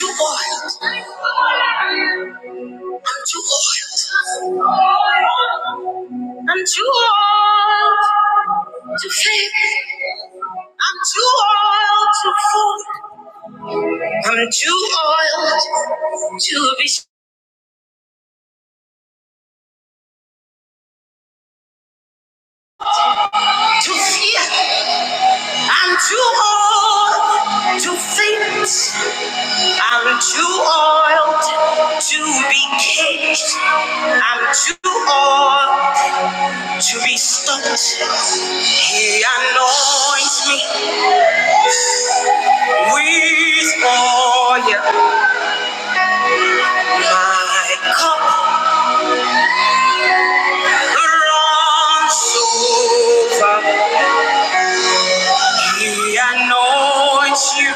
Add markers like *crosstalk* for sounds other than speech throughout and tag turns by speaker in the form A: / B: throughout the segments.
A: You're I'm too wild. I'm too old to fake. I'm too old to fool. I'm too old to be to fear. I'm too old to faint. I'm too old to be caged. I'm too old to be stopped. He anoints me with oil. My cup runs over. He anoints you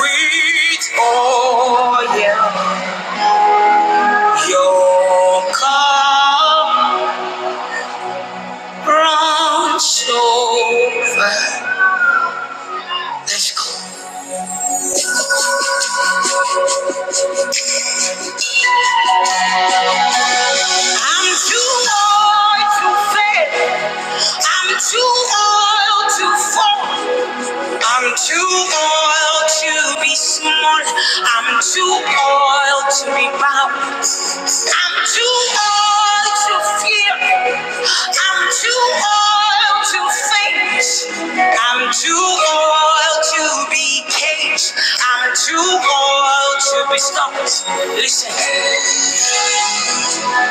A: with oil. Your cup runs over. Let's go. I'm too old to fail. I'm too old to fall. I'm too old to be small. I'm too old to be bound. I'm too old to fear. I'm too old to faint. I'm too old to be caged. I'm too old to be stopped. Listen,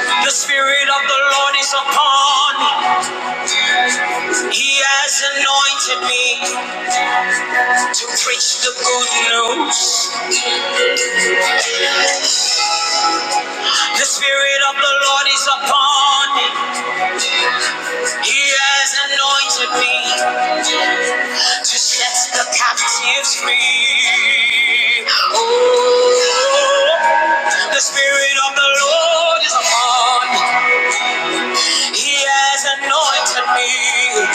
A: the Spirit of the Lord is upon me. He has anointed me. to preach the good news. The Spirit of the Lord is upon me. He has anointed me to set the captives free. Oh, the Spirit of the Lord is upon me. He has anointed me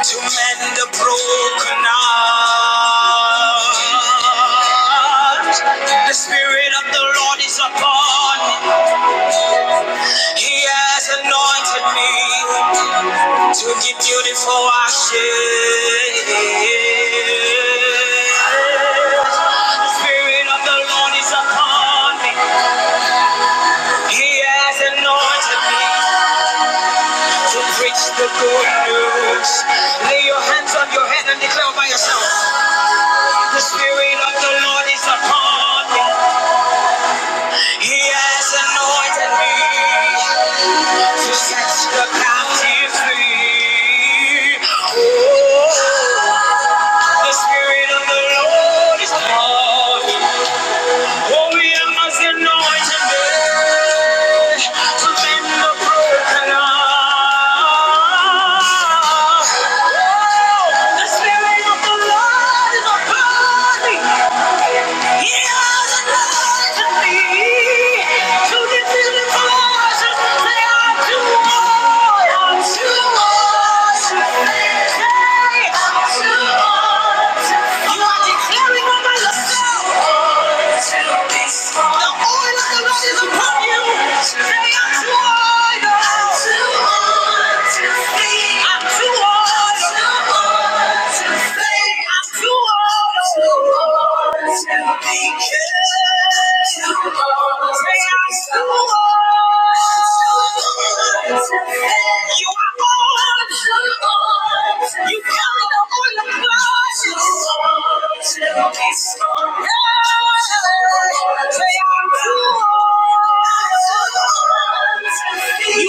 A: to mend the broken heart. The Spirit of the Lord is upon me. He has anointed me to be beautiful ashes. The Spirit of the Lord is upon me. He has anointed me to preach the good news. Lay your hands on your head and declare by yourself. The Spirit of the Lord is upon me. He has anointed me to set the captives free. Oh. The Spirit of the Lord is upon me. Oh, we must anoint him today to mend the broken heart. Oh, the Spirit of the Lord is upon me. He has anointed me to defeat the forces that are too hard, too hard to bear. Say, i too hard. to you are declaring over yourself. The oil of the Lord is upon you. Say, I'm too old. I'm too old to see. I'm too old. to say, I'm too old. Too old to be good. You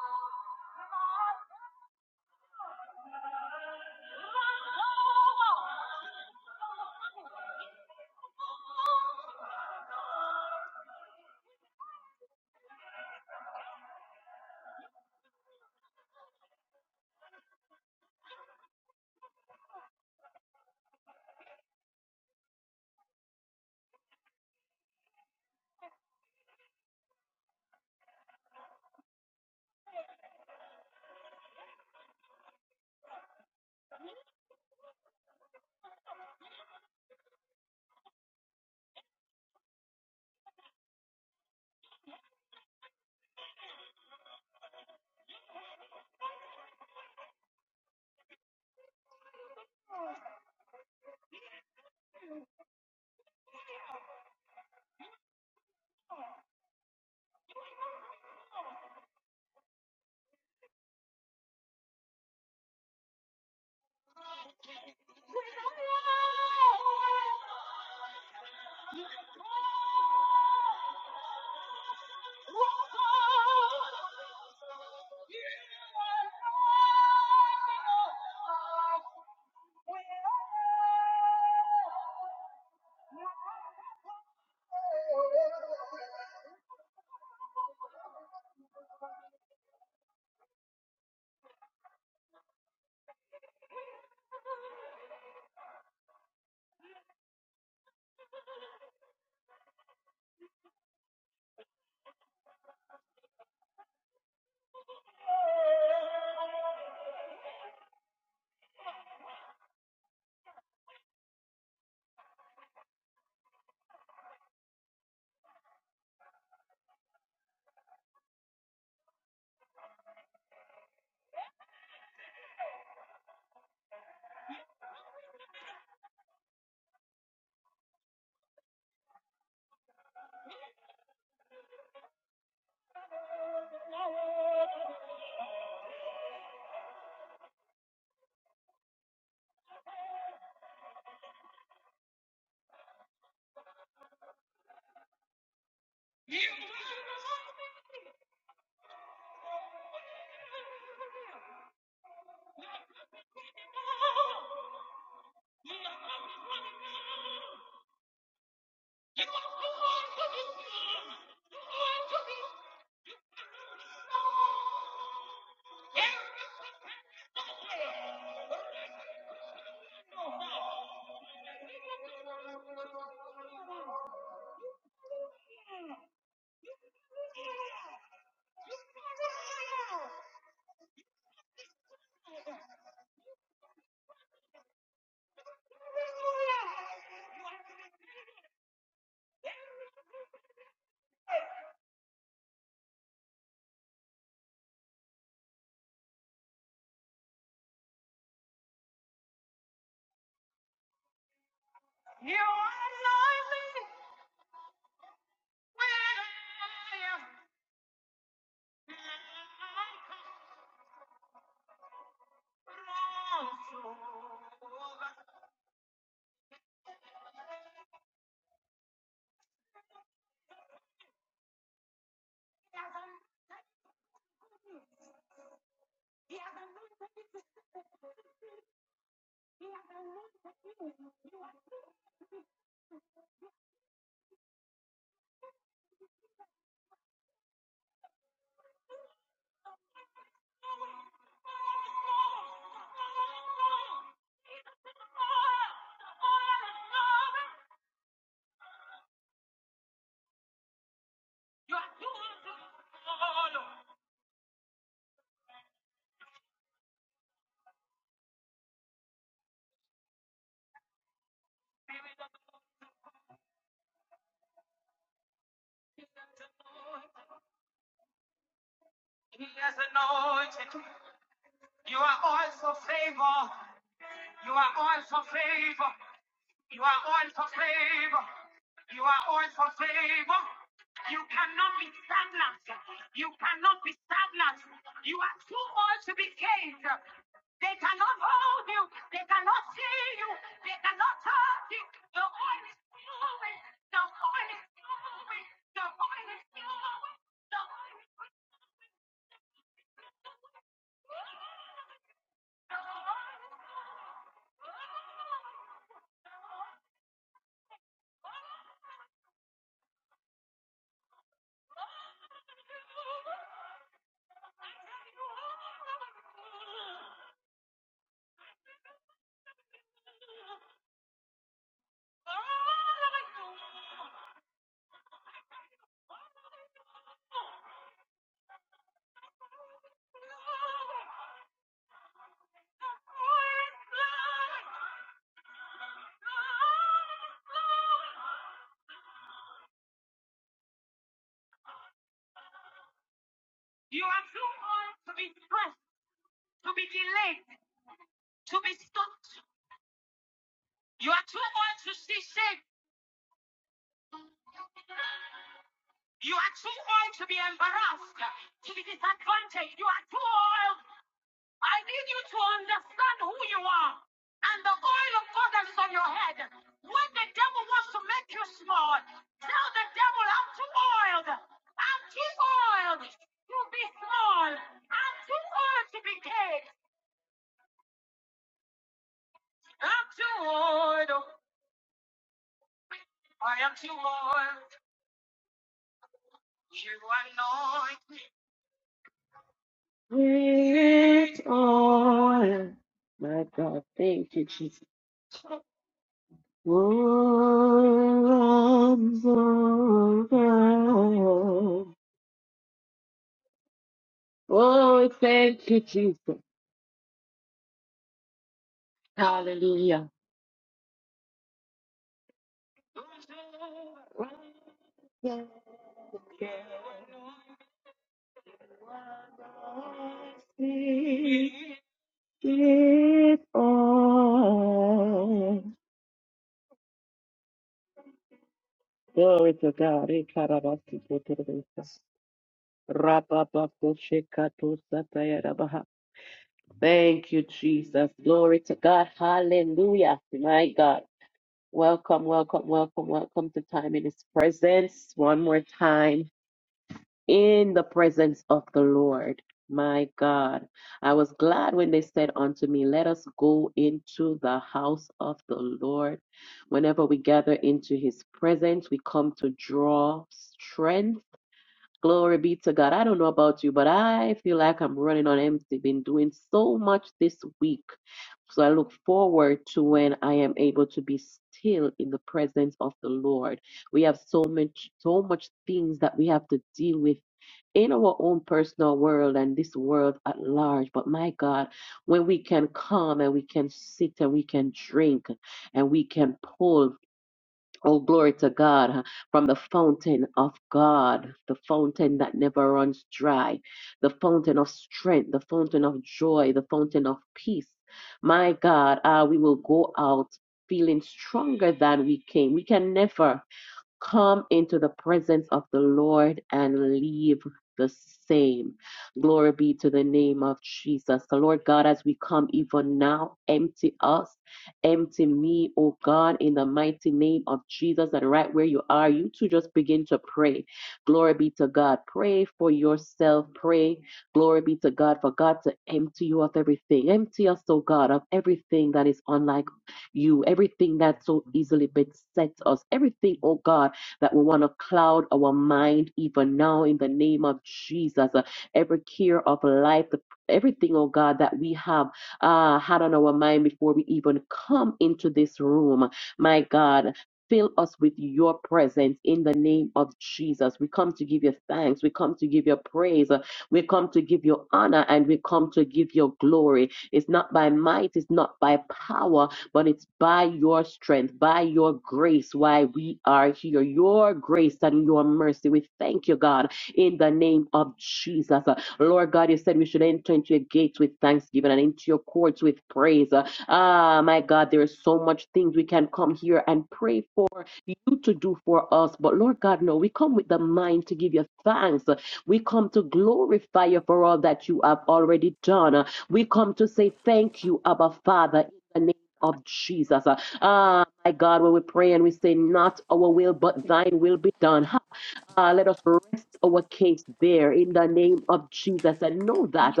B: Yeah,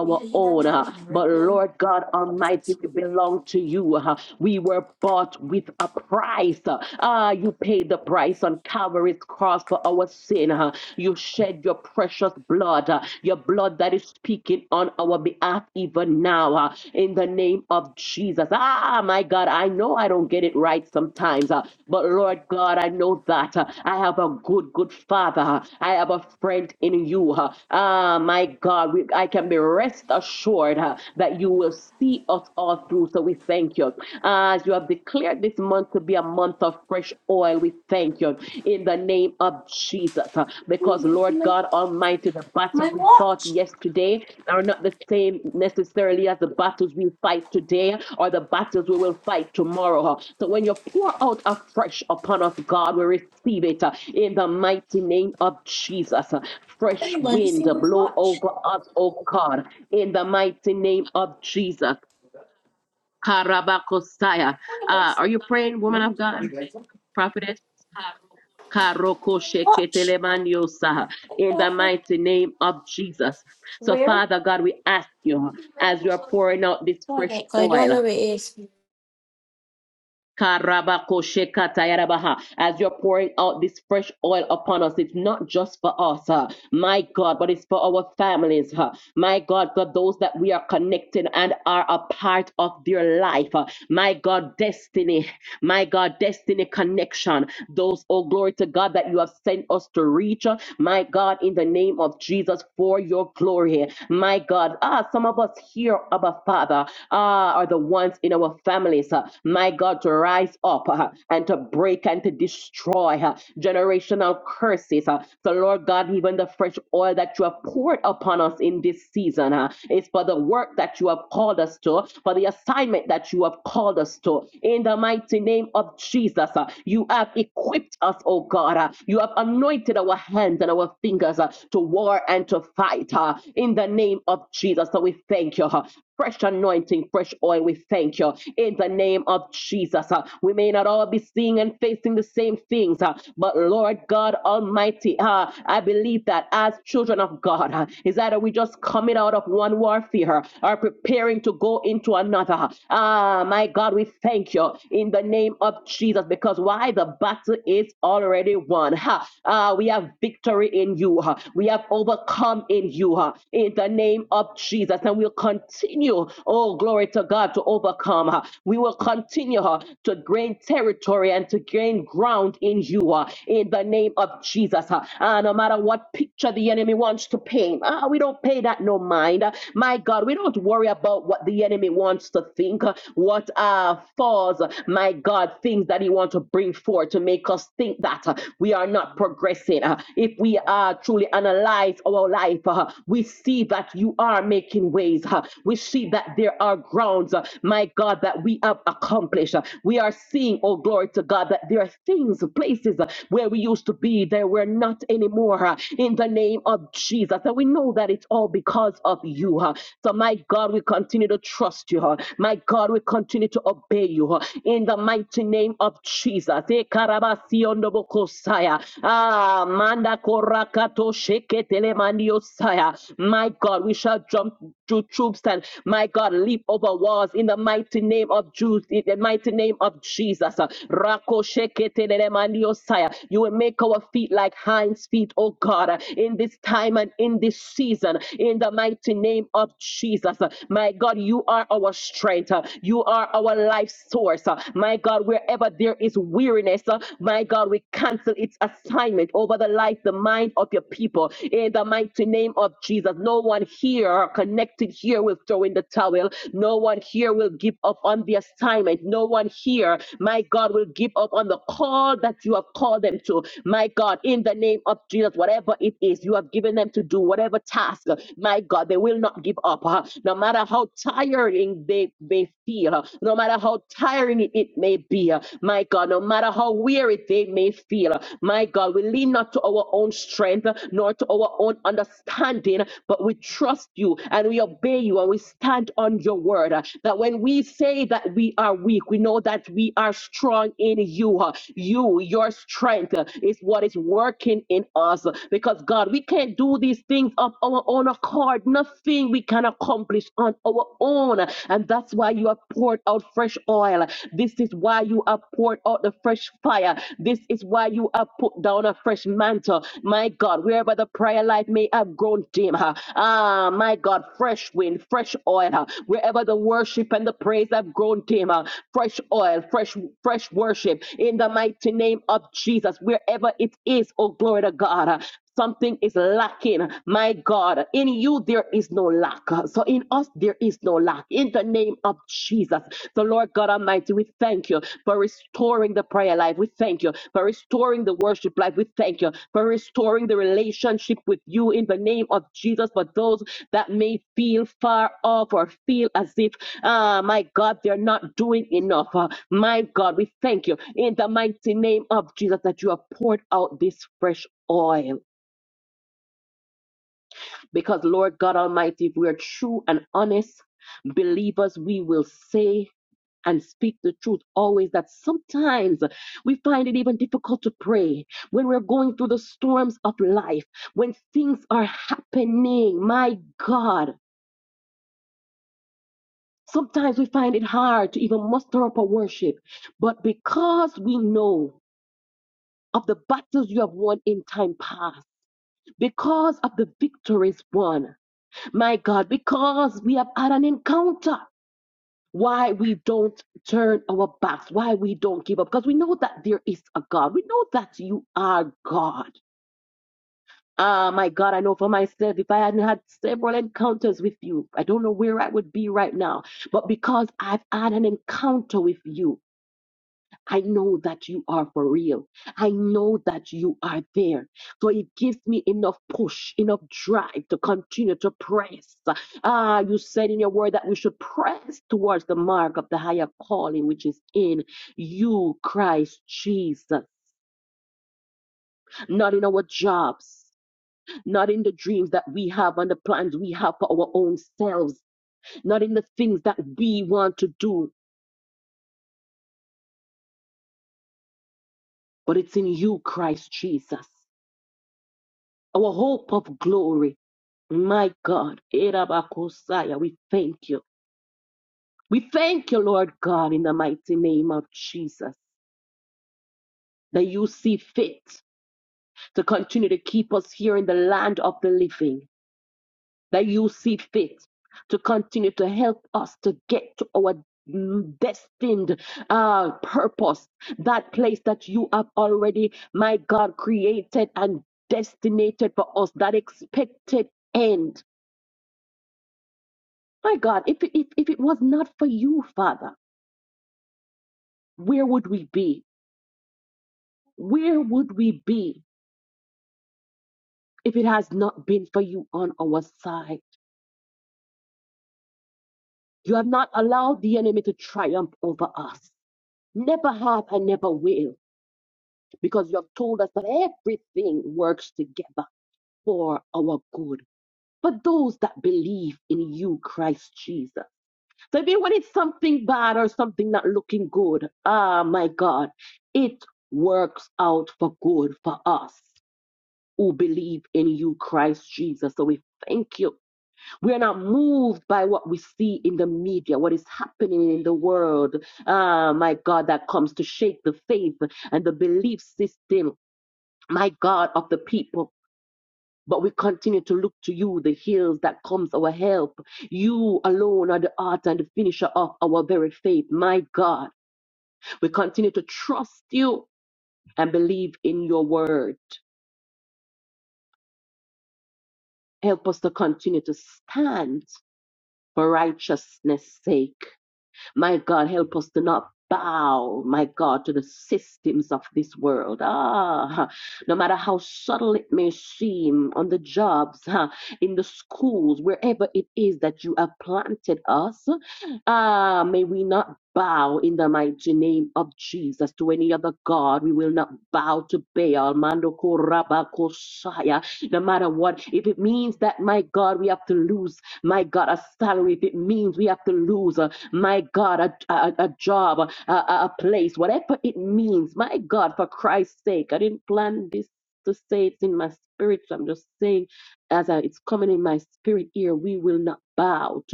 B: he done dropped his drink down. Anybody see my, my watch? Anybody see my watch? Anybody see my watch? I can't- Where? Oh, I get I don't know where it is.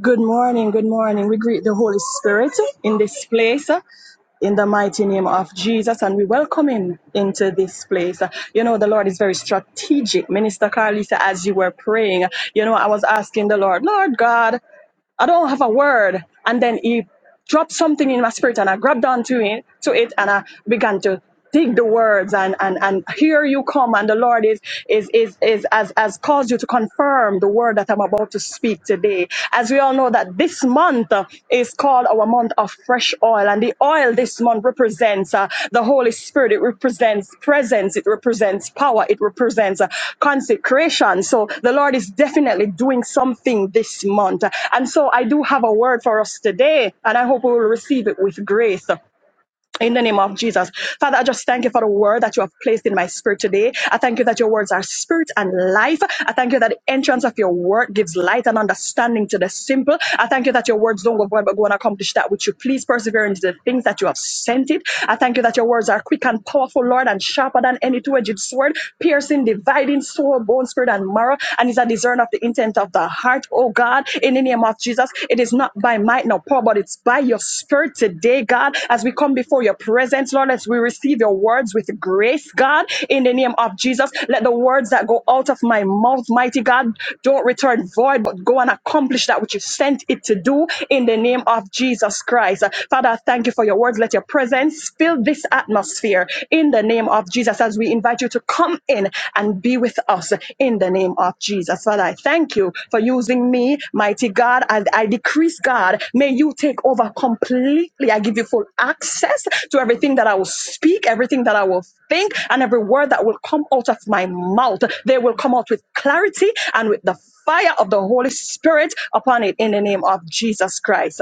C: Good morning, good morning. We greet the Holy Spirit in this place uh, in the mighty name of Jesus and we welcome him into this place. Uh, You know, the Lord is very strategic. Minister Carlisa, as you were praying, you know, I was asking the Lord, Lord God, I don't have a word. And then he dropped something in my spirit and I grabbed onto it to it and I began to dig the words and, and and here you come and the Lord is is is is has has caused you to confirm the word that I'm about to speak today. As we all know that this month uh, is called called our month of fresh oil. And the oil this month represents uh, the Holy Spirit. It represents presence. It represents power. It represents uh, consecration. So the Lord is definitely doing something this month. And so I do have a word for us today, and I hope we will receive it with grace. In the name of Jesus. Father, I just thank you for the word that you have placed in my spirit today. I thank you that your words are spirit and life. I thank you that the entrance of your word gives light and understanding to the simple. I thank you that your words don't go void but go and accomplish that which you please persevere into the things that you have sent it. I thank you that your words are quick and powerful, Lord, and sharper than any two-edged sword, piercing, dividing soul, bone, spirit, and marrow, and is a discern of the intent of the heart. Oh, oh God, in the name of Jesus. It is not by might nor power, but it's by your spirit today, God, as we come before your presence, Lord, as we receive your words with grace, God, in the name of Jesus. Let the words that go out of my mouth, mighty God, don't return void, but go and accomplish that which you sent it to do in the name of Jesus Christ. Father, I thank you for your words. Let your presence fill this atmosphere in the name of Jesus. Jesus, as we invite you to come in and be with us in the name of Jesus. Father, I thank you for using me, mighty God. As I decrease, God, may you take over completely. I give you full access to everything that I will speak, everything that I will think, and every word that will come out of my mouth. They will come out with clarity and with the fire of the Holy Spirit upon it in the name of Jesus Christ.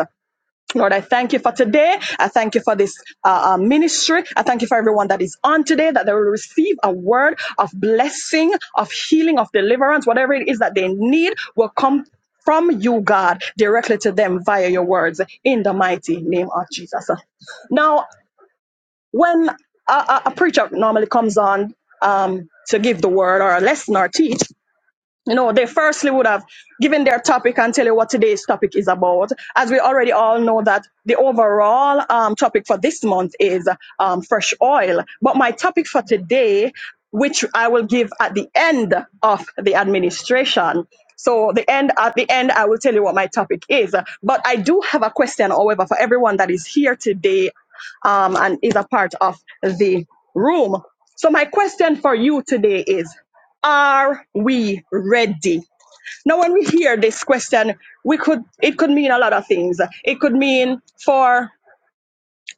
C: Lord, I thank you for today. I thank you for this uh, uh, ministry. I thank you for everyone that is on today, that they will receive a word of blessing, of healing, of deliverance, whatever it is that they need will come from you, God, directly to them via your words in the mighty name of Jesus. Now, when a, a a preacher normally comes on um, to give the word or a lesson or teach, you know, they firstly would have given their topic and tell you what today's topic is about. As we already all know that the overall um, topic for this month is um, fresh oil. But my topic for today, which I will give at the end of the administration. So the end at the end, I will tell you what my topic is. But I do have a question, however, for everyone that is here today um, and is a part of the room. So my question for you today is are we ready? Now, when we hear this question, we could it could mean a lot of things. It could mean for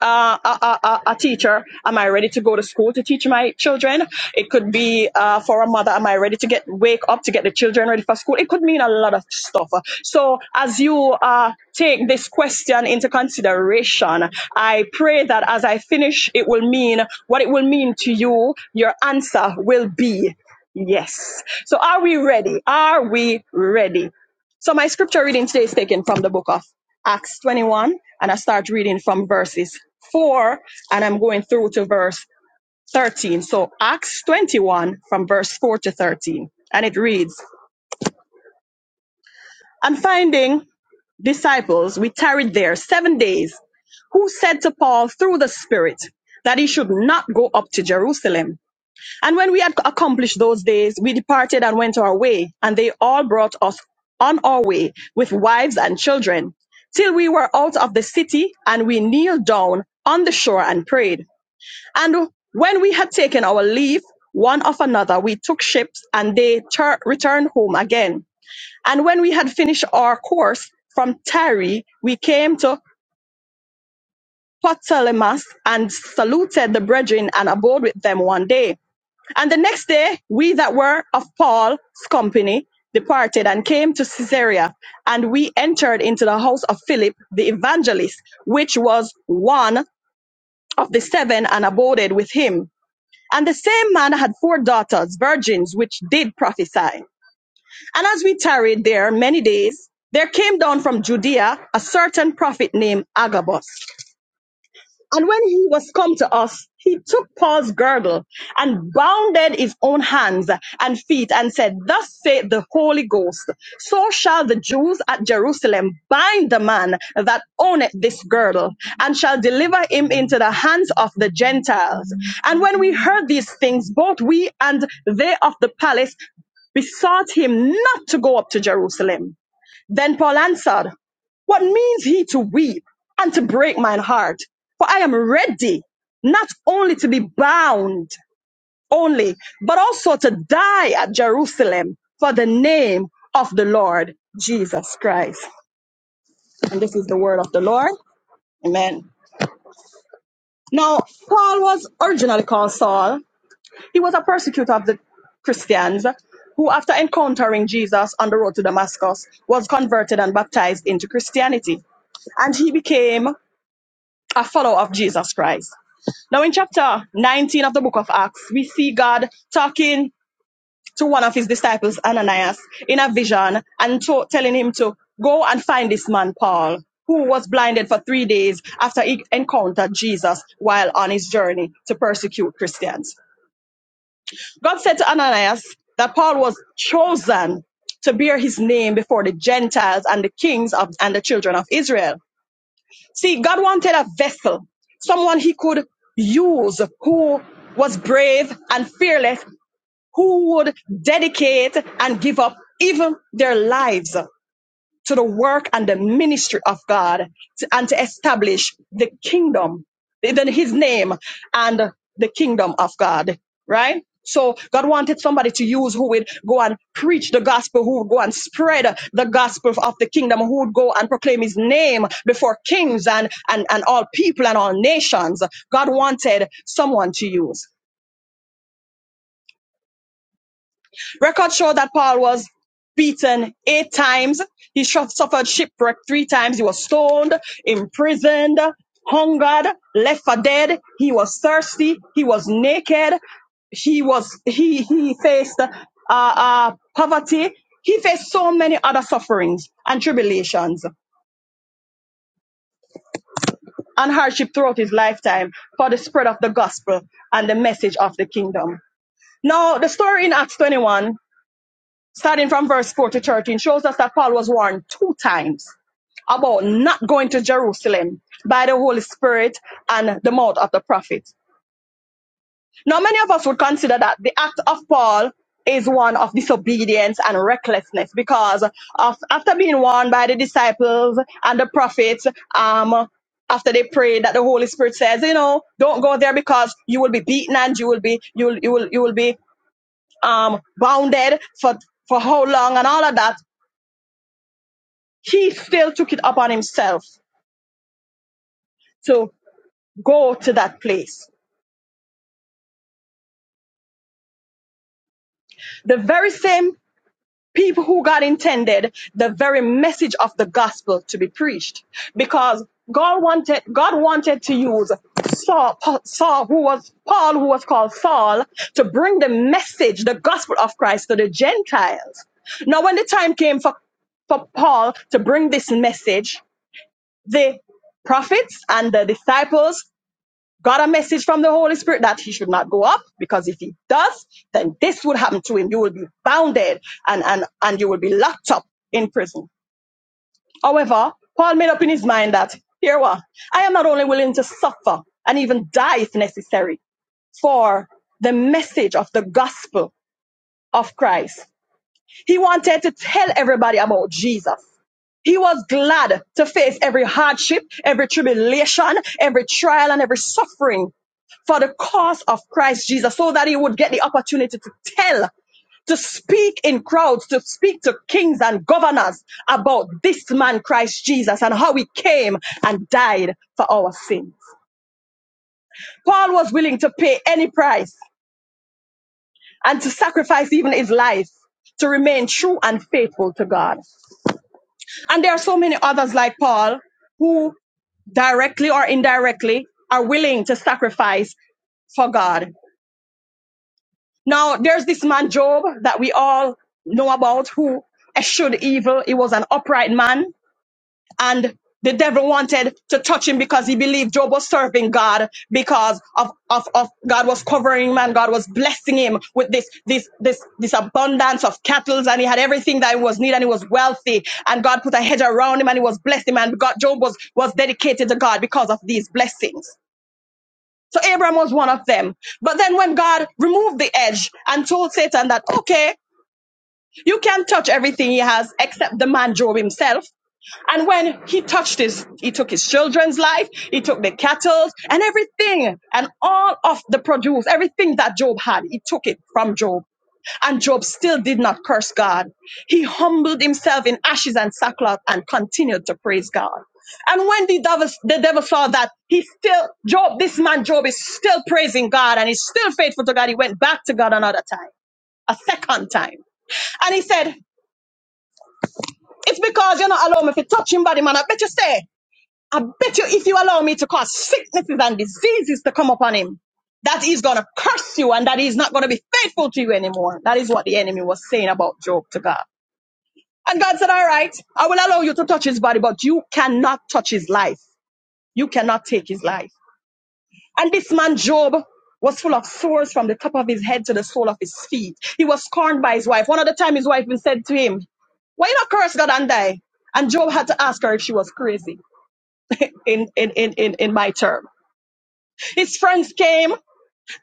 C: uh, a, a, a teacher, am I ready to go to school to teach my children? It could be uh, for a mother, am I ready to get wake up to get the children ready for school? It could mean a lot of stuff. So as you uh, take this question into consideration, I pray that as I finish, it will mean what it will mean to you. Your answer will be yes. So are we ready? Are we ready? So my scripture reading today is taken from the book of Acts 21, and I start reading from verses 4, and I'm going through to verse 13. So Acts 21, from verse 4 to 13. And it reads, And finding disciples, we tarried there seven days, who said to Paul through the Spirit that he should not go up to Jerusalem. And when we had accomplished those days, we departed and went our way, and they all brought us on our way with wives and children, till we were out of the city, and we kneeled down on the shore and prayed. And when we had taken our leave one of another, we took ships, and they tur- returned home again. And when we had finished our course from Tyre, we came to Ptolemais and saluted the brethren and abode with them one day. And the next day, we that were of Paul's company departed and came to Caesarea, and we entered into the house of Philip the evangelist, which was one of the seven, and aboded with him. And the same man had four daughters, virgins, which did prophesy. And as we tarried there many days, there came down from Judea a certain prophet named Agabus and when he was come to us, he took Paul's girdle and bounded his own hands and feet and said, Thus saith the Holy Ghost, so shall the Jews at Jerusalem bind the man that owneth this girdle and shall deliver him into the hands of the Gentiles. And when we heard these things, both we and they of the palace besought him not to go up to Jerusalem. Then Paul answered, What means he to weep and to break mine heart? For I am ready not only to be bound only, but also to die at Jerusalem for the name of the Lord Jesus Christ. And this is the word of the Lord. Amen. Now, Paul was originally called Saul, He was a persecutor of the Christians who, after encountering Jesus on the road to Damascus, was converted and baptized into Christianity. And he became a follower of Jesus Christ. Now, in chapter 19 of the book of Acts, we see God talking to one of his disciples, Ananias, in a vision and to- telling him to go and find this man, Paul, who was blinded for three days after he encountered Jesus while on his journey to persecute Christians. God said to Ananias that Paul was chosen to bear his name before the Gentiles and the kings of, and the children of Israel. See, God wanted a vessel, someone he could use who was brave and fearless, who would dedicate and give up even their lives to the work and the ministry of God to- and to establish the kingdom, then his name and the kingdom of God, right? So God wanted somebody to use who would go and preach the gospel, who would go and spread the gospel of the kingdom, who would go and proclaim his name before kings and, and, and all people and all nations. God wanted someone to use. Records show that Paul was beaten eight times. He suffered shipwreck three times. He was stoned, imprisoned, hungered, left for dead. He was thirsty. He was naked. He was he he faced uh, uh, poverty. He faced so many other sufferings and tribulations and hardship throughout his lifetime for the spread of the gospel and the message of the kingdom. Now, the story in Acts 21 Starting from verse 4 to 13 shows us that Paul was warned two times about not going to Jerusalem by the Holy Spirit and the mouth of the prophet. Now, many of us would consider that the act of Paul is one of disobedience and recklessness because of, after being warned by the disciples and the prophets, um, after they prayed that the Holy Spirit says, you know, don't go there because you will be beaten and you will be you will you will you will be um bounded for for how long and all of that. he still took it upon himself to go to that place. The very same people who God intended the very message of the gospel to be preached because God wanted God wanted to use Saul, Pa- Saul who was Paul who was called Saul to bring the message the gospel of Christ to the Gentiles. Now when the time came for for Paul to bring this message the prophets and the disciples got a message from the Holy Spirit that he should not go up because if he does, then this would happen to him. You will be bounded and, and, and you will be locked up in prison. However, Paul made up in his mind that here what I am not only willing to suffer and even die if necessary for the message of the gospel of Christ. He wanted to tell everybody about Jesus. He was glad to face every hardship, every tribulation, every trial, and every suffering for the cause of Christ Jesus so that he would get the opportunity to tell, to speak in crowds, to speak to kings and governors about this man, Christ Jesus, and how he came and died for our sins. Paul was willing to pay any price and to sacrifice even his life to remain true and faithful to God. And there are so many others like Paul. who. directly or indirectly, are willing to sacrifice for God. Now, there's this man, Job, that we all know about who eschewed evil. He was an upright man, and the devil wanted to touch him because he believed Job was serving God because of, of, of God was covering him and God was blessing him with this, this, this, this abundance of cattle and he had everything that he was needed and he was wealthy and God put a hedge around him and he was blessed him and God, Job was, was dedicated to God because of these blessings. So Abraham was one of them. But then when God removed the edge and told Satan that, okay, you can't touch everything he has except the man Job himself. And when he touched his, he took his children's life, he took the cattle and everything and all of the produce, everything that Job had, he took it from Job. And Job still did not curse God. He humbled himself in ashes and sackcloth and continued to praise God. And when the devil, the devil saw that, he still, Job, this man Job is still praising God and he's still faithful to God. He went back to God another time a second time. And he said, It's because you're not allowing me to touch him body, man. I bet you say, I bet you if you allow me to cause sicknesses and diseases to come upon him, that he's going to curse you and that he's not going to be faithful to you anymore. That is what the enemy was saying about Job to God. And God said, All right, I will allow you to touch his body, but you cannot touch his life. You cannot take his life. And this man, Job, was full of sores from the top of his head to the sole of his feet. He was scorned by his wife. One other time, his wife even said to him, Why you not curse God and die? And Job had to ask her if she was crazy *laughs* in, in, in, in, in my term. His friends came.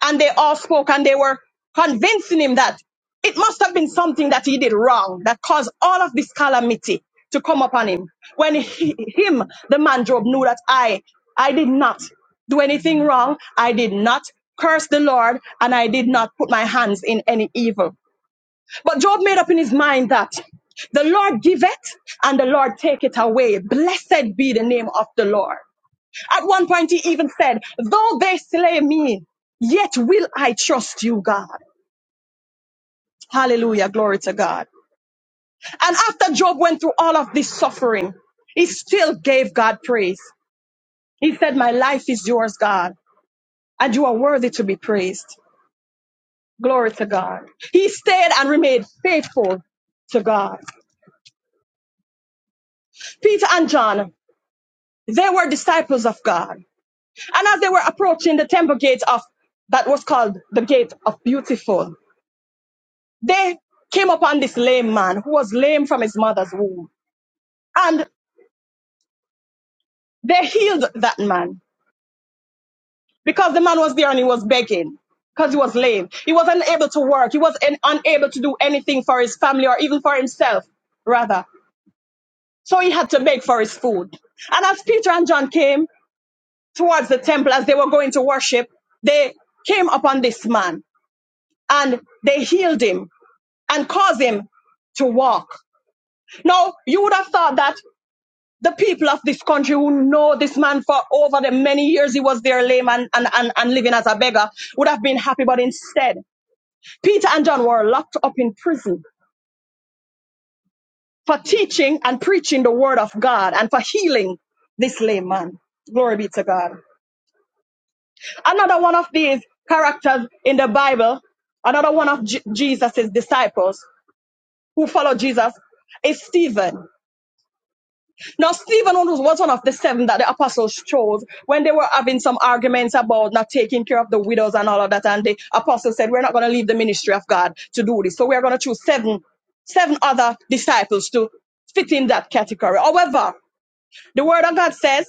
C: And they all spoke and they were convincing him that it must have been something that he did wrong that caused all of this calamity to come upon him. When he, him, the man Job, knew that I, I did not do anything wrong. I did not curse the Lord and I did not put my hands in any evil. But Job made up in his mind that the Lord giveth and the Lord take it away. Blessed be the name of the Lord. At one point, he even said, Though they slay me, yet will I trust you, God. Hallelujah. Glory to God. And after Job went through all of this suffering, he still gave God praise. He said, My life is yours, God, and you are worthy to be praised. Glory to God. He stayed and remained faithful to God. Peter and John, they were disciples of God. And as they were approaching the temple gate of that was called the gate of beautiful, they came upon this lame man who was lame from his mother's womb. And they healed that man because the man was there and he was begging because he was lame. He was unable to work. He was un- unable to do anything for his family or even for himself, rather. So he had to beg for his food. And as Peter and John came towards the temple, as they were going to worship, they came upon this man and they healed him and caused him to walk. Now, you would have thought that the people of this country who know this man for over the many years he was there lame and, and, and, and living as a beggar would have been happy. But instead, Peter and John were locked up in prison for teaching and preaching the word of God and for healing this lame man. Glory be to God. Another one of these characters in the Bible, another one of Je- Jesus' disciples who followed Jesus is Stephen. Now, Stephen was one of the seven that the apostles chose when they were having some arguments about not taking care of the widows and all of that. And the apostles said, We're not going to leave the ministry of God to do this. So we're going to choose seven, seven other disciples to fit in that category. However, the word of God says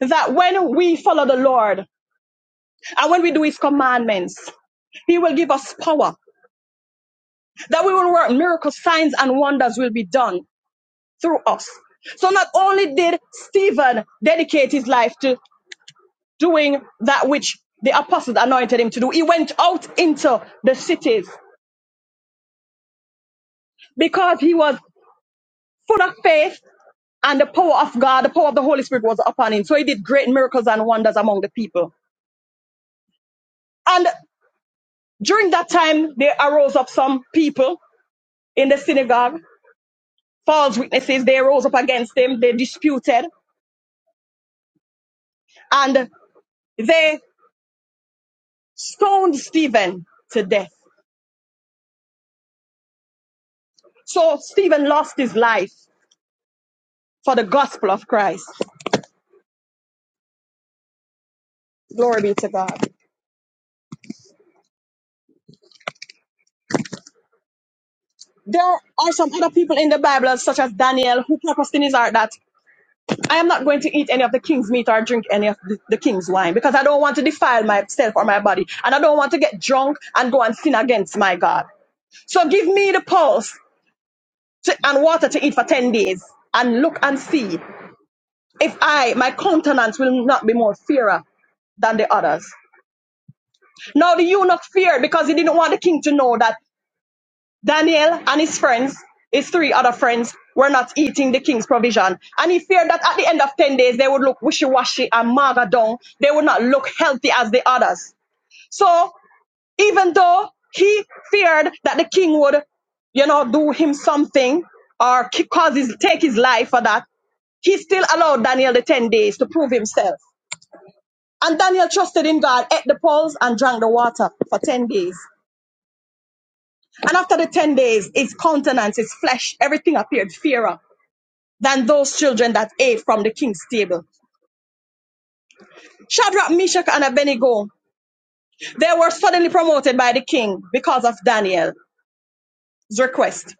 C: that when we follow the Lord and when we do his commandments, he will give us power, that we will work miracles, signs, and wonders will be done through us. So not only did Stephen dedicate his life to doing that which the apostles anointed him to do. He went out into the cities because he was full of faith and the power of God, the power of the Holy Spirit was upon him. So he did great miracles and wonders among the people. And during that time, there arose up some people in the synagogue, false witnesses. They rose up against him, they disputed, and they stoned Stephen to death. So Stephen lost his life for the gospel of Christ. Glory be to God. There are some other people in the Bible, such as Daniel, who purposed in his heart that I am not going to eat any of the king's meat or drink any of the, the king's wine because I don't want to defile myself or my body. And I don't want to get drunk and go and sin against my God. So give me the pulse to, and water to eat for 10 days and look and see if I, my countenance will not be more fairer than the others. Now the eunuch feared because he didn't want the king to know that Daniel and his friends, his three other friends, were not eating the king's provision. And he feared that at the end of 10 days, they would look wishy washy and maga down. They would not look healthy as the others. So even though he feared that the king would, you know, do him something or ki- cause his, take his life for that, he still allowed Daniel the 10 days to prove himself. And Daniel trusted in God, ate the pulse and drank the water for 10 days. And after the 10 days, his countenance, his flesh, everything appeared fairer than those children that ate from the king's table. Shadrach, Meshach, and Abednego, they were suddenly promoted by the king because of Daniel's request.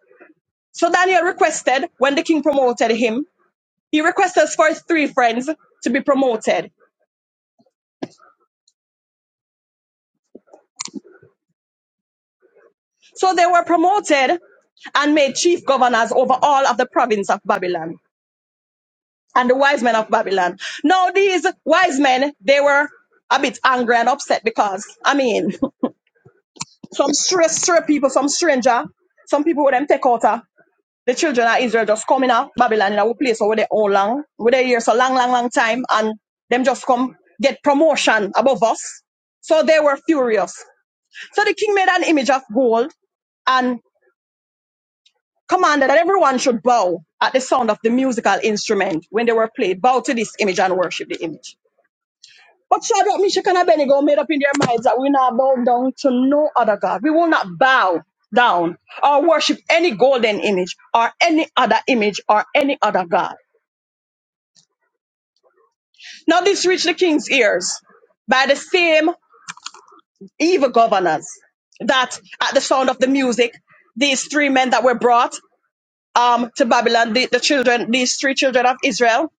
C: So Daniel requested, when the king promoted him, he requested for his three friends to be promoted. So they were promoted and made chief governors over all of the province of Babylon. and the wise men of Babylon. Now, these wise men, they were a bit angry and upset because, I mean, *laughs* some straight, straight people, some stranger, some people with them take out uh, the children of Israel just coming out Babylon in a place where they all long, where they here so long, long, long time, and them just come get promotion above us. So they were furious. So the king made an image of gold and commanded that everyone should bow at the sound of the musical instrument when they were played. Bow to this image and worship the image. But Shadrach, Meshach, and Abednego made up in their minds that we not bow down to no other God. We will not bow down or worship any golden image or any other image or any other God. Now this reached the king's ears by the same evil governors that at the sound of the music, these three men that were brought um, to Babylon, the, the children, these three children of Israel,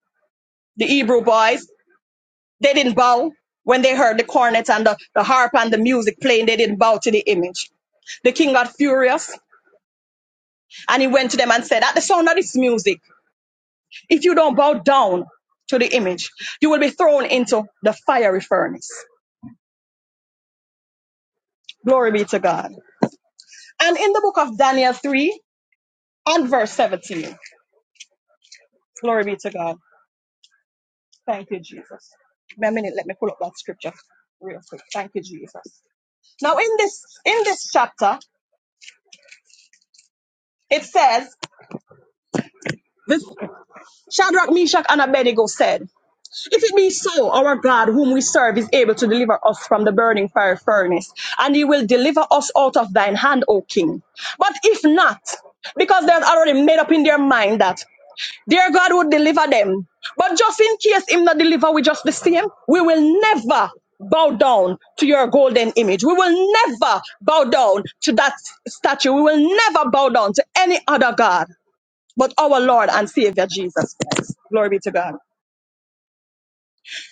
C: the Hebrew boys, They didn't bow when they heard the cornet and the, the harp and the music playing. They didn't bow to the image. The king got furious and he went to them and said, At the sound of this music, if you don't bow down to the image, you will be thrown into the fiery furnace. Glory be to God. And in the book of Daniel 3 and verse 17, glory be to God. Thank you, Jesus. Give me a minute, let me pull up that scripture real quick. Thank you, Jesus. Now, in this in this chapter, it says, the Shadrach, Meshach, and Abednego said, If it be so, our God, whom we serve, is able to deliver us from the burning fire furnace, and he will deliver us out of thine hand, O king. But if not, because they had already made up in their mind that their God would deliver them. But just in case him not deliver we just the same, we will never bow down to your golden image. We will never bow down to that statue. We will never bow down to any other God but our Lord and Savior Jesus Christ. Glory be to God.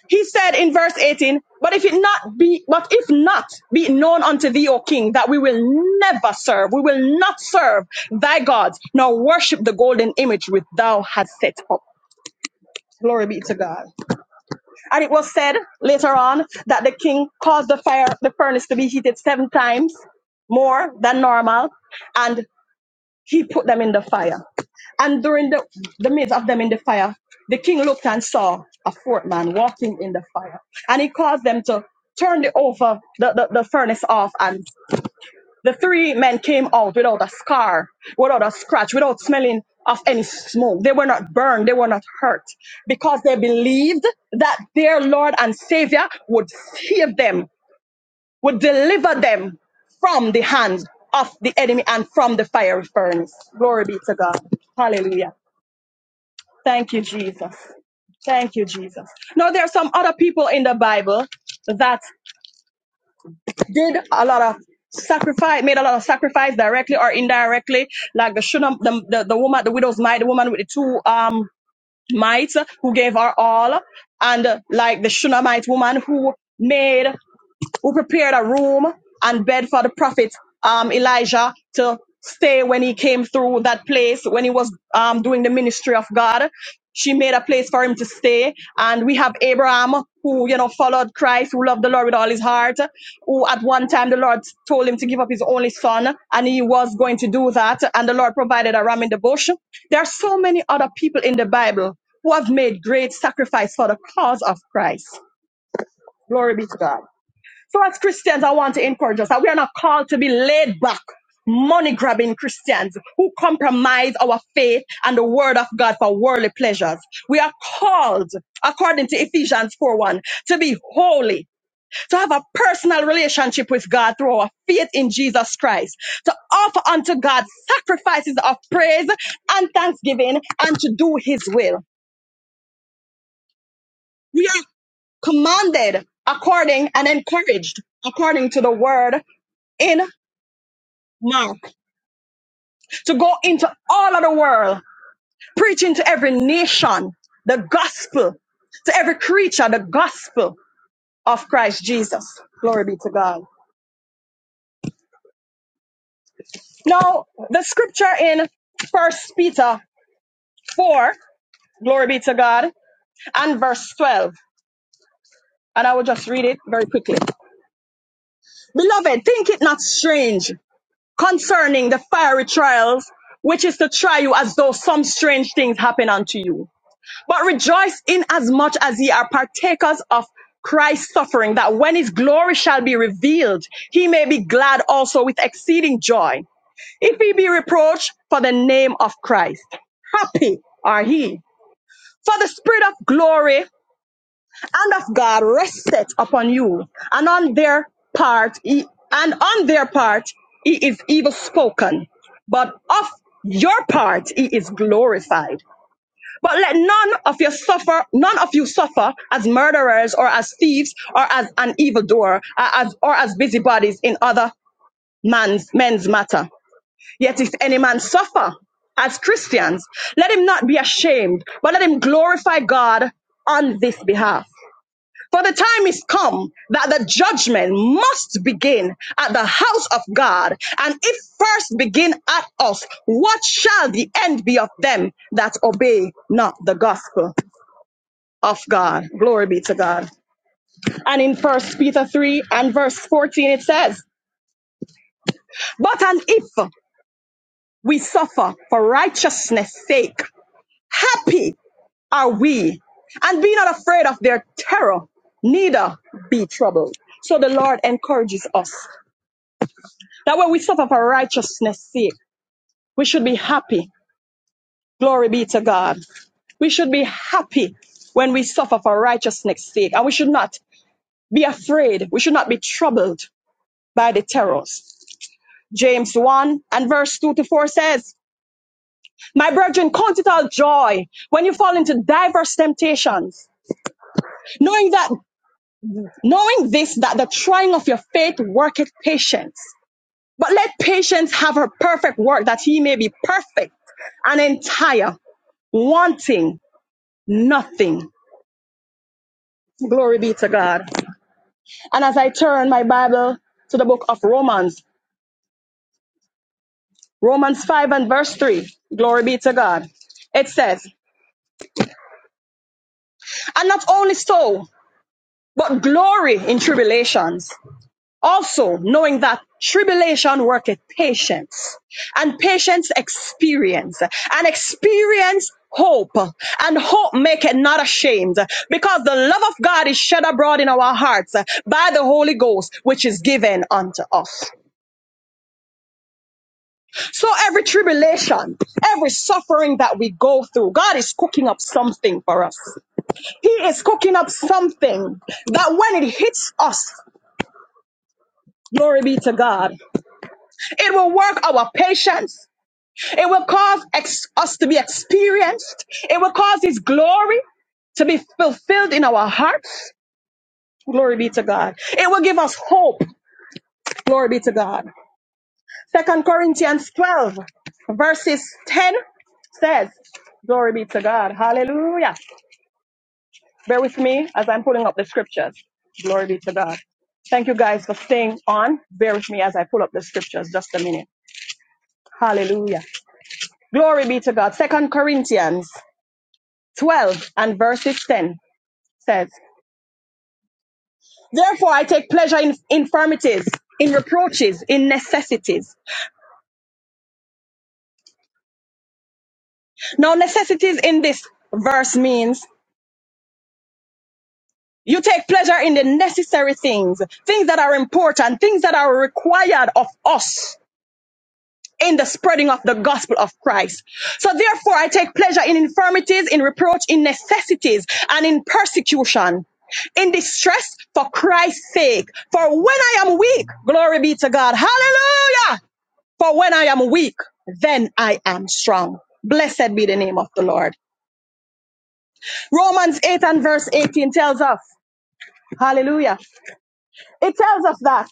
C: He said in verse 18, but if it not be, but if not be it known unto thee, O king, that we will never serve, we will not serve thy gods, nor worship the golden image which thou hast set up. Glory be to God. And it was said later on that the king caused the fire, the furnace to be heated seven times more than normal. And he put them in the fire. And during the, the midst of them in the fire, the king looked and saw a fourth man walking in the fire. And he caused them to turn the over the, the, the furnace off. And the three men came out without a scar, without a scratch, without smelling of any smoke. They were not burned, they were not hurt, because they believed that their Lord and Savior would save them would deliver them from the hands of the enemy and from the fiery furnace. Glory be to God. Hallelujah. Thank you, Jesus. Thank you, Jesus. Now, there are some other people in the Bible that did a lot of sacrifice, made a lot of sacrifice directly or indirectly, like the Shunam, the, the, the woman, the widow's mite, the woman with the two um mites who gave her all, and uh, like the Shunammite woman who made who prepared a room and bed for the prophet um, Elijah to stay when he came through that place when he was um, doing the ministry of God. She made a place for him to stay. And we have Abraham who, you know, followed Christ, who loved the Lord with all his heart, who at one time the Lord told him to give up his only son, and he was going to do that. And the Lord provided a ram in the bush. There are so many other people in the Bible who have made great sacrifice for the cause of Christ. Glory be to God. So, as Christians, I want to encourage us that we are not called to be laid back, money grabbing Christians who compromise our faith and the word of God for worldly pleasures. We are called, according to Ephesians 4 1, to be holy, to have a personal relationship with God through our faith in Jesus Christ, to offer unto God sacrifices of praise and thanksgiving, and to do his will. We are commanded according and encouraged according to the word in. Mark, to go into all of the world, preaching to every nation the gospel, to every creature the gospel of Christ Jesus. Glory be to God. Now, the scripture in First Peter 4, glory be to God, and verse 12. And I will just read it very quickly. Beloved, think it not strange concerning the fiery trials, which is to try you as though some strange things happen unto you but rejoice in as much as ye are partakers of Christ's suffering, that when his glory shall be revealed, he may be glad also with exceeding joy. If he be reproached for the name of Christ, happy are he. For the spirit of glory and of God resteth upon you, and on their part, he, and on their part, he is evil spoken, but of your part, he is glorified. But let none of you suffer, none of you suffer as murderers or as thieves or as an evildoer uh, as, or as busybodies in other man's, men's matter. Yet if any man suffer as Christians, let him not be ashamed, but let him glorify God on this behalf. For the time is come that the judgment must begin at the house of God, and if first begin at us, what shall the end be of them that obey not the gospel? of God. Glory be to God. And in First Peter 3 and verse 14, it says, But and if we suffer for righteousness' sake, happy are we, and be not afraid of their terror, neither be troubled. So the Lord encourages us that when we suffer for righteousness' sake, we should be happy. Glory be to God. We should be happy when we suffer for righteousness' sake, and we should not be afraid. We should not be troubled by the terrors James 1 and verse 2 to 4 says, My brethren, count it all joy when you fall into diverse temptations, knowing that, knowing this, that the trying of your faith worketh patience. But let patience have her perfect work, that he may be perfect and entire, wanting nothing. Glory be to God. And as I turn my Bible to the book of Romans, Romans 5 and verse 3, glory be to God. It says, And not only so, but glory in tribulations. Also, knowing that tribulation worketh patience, and patience experience, and experience hope, and hope maketh not ashamed, because the love of God is shed abroad in our hearts by the Holy Ghost, which is given unto us. So every tribulation, every suffering that we go through, God is cooking up something for us. He is cooking up something that when it hits us, glory be to God. It will work our patience. It will cause ex- us to be experienced. It will cause His glory to be fulfilled in our hearts. Glory be to God. It will give us hope. Glory be to God. Second Corinthians 12 verses 10 says, glory be to God. Hallelujah. Bear with me as I'm pulling up the scriptures. Glory be to God. Thank you guys for staying on. Bear with me as I pull up the scriptures just a minute. Hallelujah. Glory be to God. Second Corinthians 12 and verses 10 says, Therefore I take pleasure in infirmities, in reproaches, in necessities. Now necessities in this verse means you take pleasure in the necessary things, things that are important, things that are required of us in the spreading of the gospel of Christ. So therefore I take pleasure in infirmities, in reproach, in necessities, and in persecution, in distress for Christ's sake. For when I am weak, glory be to God. Hallelujah. For when I am weak, then I am strong. Blessed be the name of the Lord. Romans 8 and verse 18 tells us, hallelujah. It tells us that.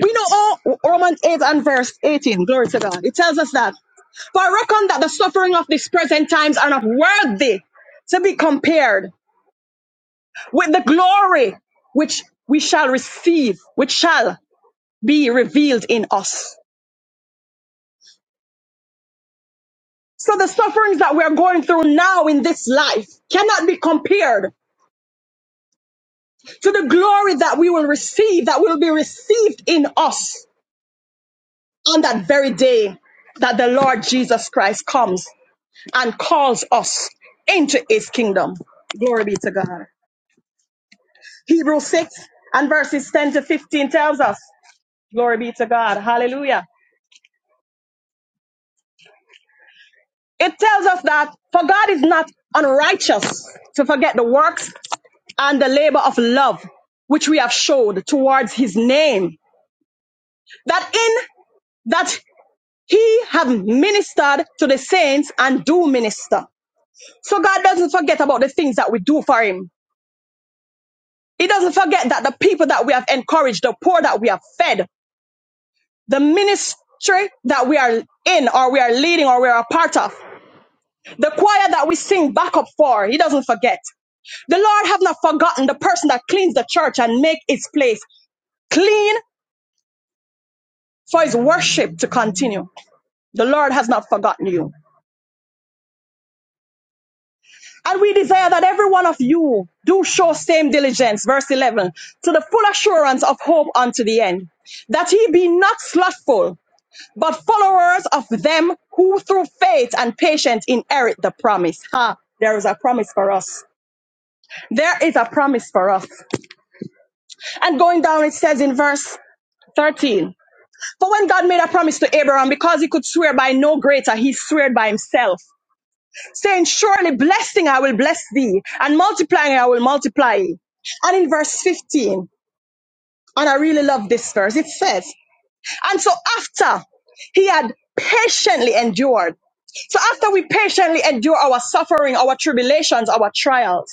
C: We know all Romans 8 and verse 18. Glory to God. It tells us that. For I reckon that the suffering of these present times are not worthy to be compared with the glory which we shall receive, which shall be revealed in us. So the sufferings that we are going through now in this life cannot be compared to the glory that we will receive, that will be received in us on that very day that the Lord Jesus Christ comes. and calls us into his kingdom. Glory be to God. Hebrews 6 and verses 10 to 15 tells us, Glory be to God. Hallelujah. It tells us that for God is not unrighteous to forget the works and the labor of love which we have showed towards his name. That in that he have ministered to the saints and do minister. So God doesn't forget about the things that we do for him. He doesn't forget that the people that we have encouraged, the poor that we have fed, the ministry that we are in or we are leading or we are a part of, the choir that we sing backup for, he doesn't forget. The Lord have not forgotten the person that cleans the church and make its place clean for his worship to continue. The Lord has not forgotten you. And we desire that every one of you do show same diligence, verse 11, to the full assurance of hope unto the end, that he be not slothful, but followers of them who through faith and patience inherit the promise. Ha, there is a promise for us. There is a promise for us. And going down, it says in verse 13, For when God made a promise to Abraham, because he could swear by no greater, he swear by himself, saying, Surely blessing I will bless thee, and multiplying I will multiply. And in verse 15, and I really love this verse, it says, And so after he had patiently endured, so after we patiently endure our suffering, our tribulations, our trials,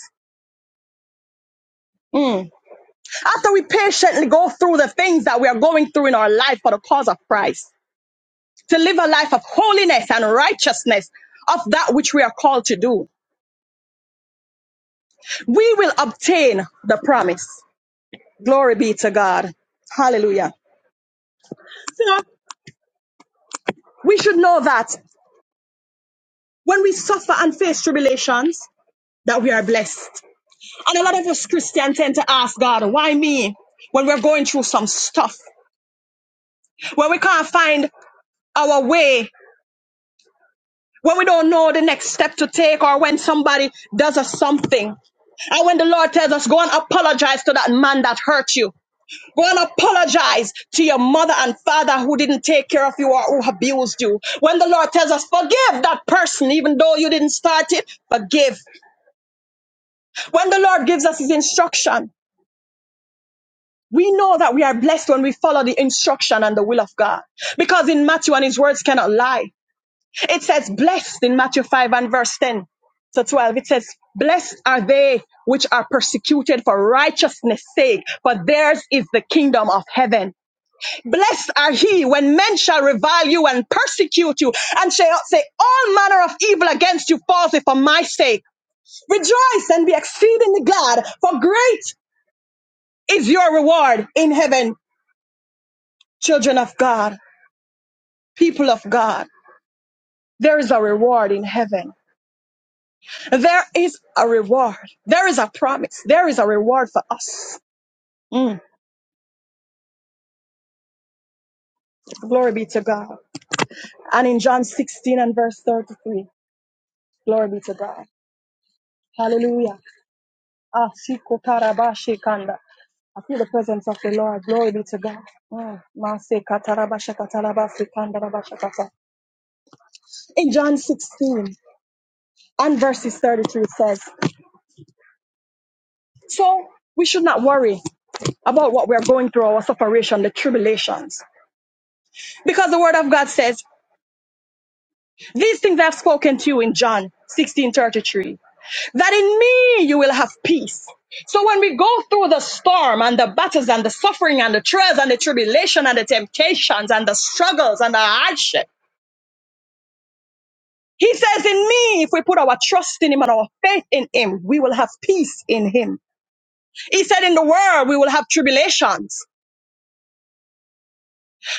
C: after we patiently go through the things that we are going through in our life for the cause of Christ, to live a life of holiness and righteousness of that which we are called to do, we will obtain the promise. Glory be to God. Hallelujah. So we should know that when we suffer and face tribulations, that we are blessed. And a lot of us Christians tend to ask God, why me? When we're going through some stuff, when we can't find our way, when we don't know the next step to take, or when somebody does us something. And when the Lord tells us, go and apologize to that man that hurt you. Go and apologize to your mother and father who didn't take care of you or who abused you. When the Lord tells us, forgive that person, even though you didn't start it, forgive. When the Lord gives us his instruction, We know that we are blessed when we follow the instruction and the will of God. Because in Matthew, and his words cannot lie, it says, Blessed in Matthew 5 and verse 10 to 12, it says, Blessed are they which are persecuted for righteousness' sake, for theirs is the kingdom of heaven. Blessed are he when men shall revile you and persecute you, and shall say all manner of evil against you falsely for my sake. Rejoice and be exceedingly glad, for great is your reward in heaven. children of God, people of God, there is a reward in heaven. There is a reward. There is a promise. There is a reward for us. Mm, glory be to God. And in John 16 and verse 33, glory be to God. Hallelujah. Ah, shiko tarabashi kanda. I feel the presence of the Lord. Glory be to God. Mm. Mase katarabasha katarabasi kandarabasha kata. In John 16 and verses 33, it says, So we should not worry. about what we are going through, our separation, the tribulations. Because the word of God says, These things I have spoken to you in John 16 33, that in me you will have peace. So when we go through the storm and the battles and the suffering and the trials and the tribulation and the temptations and the struggles and the hardship, he says, In me, if we put our trust in him and our faith in him, we will have peace in him. He said, In the world, we will have tribulations.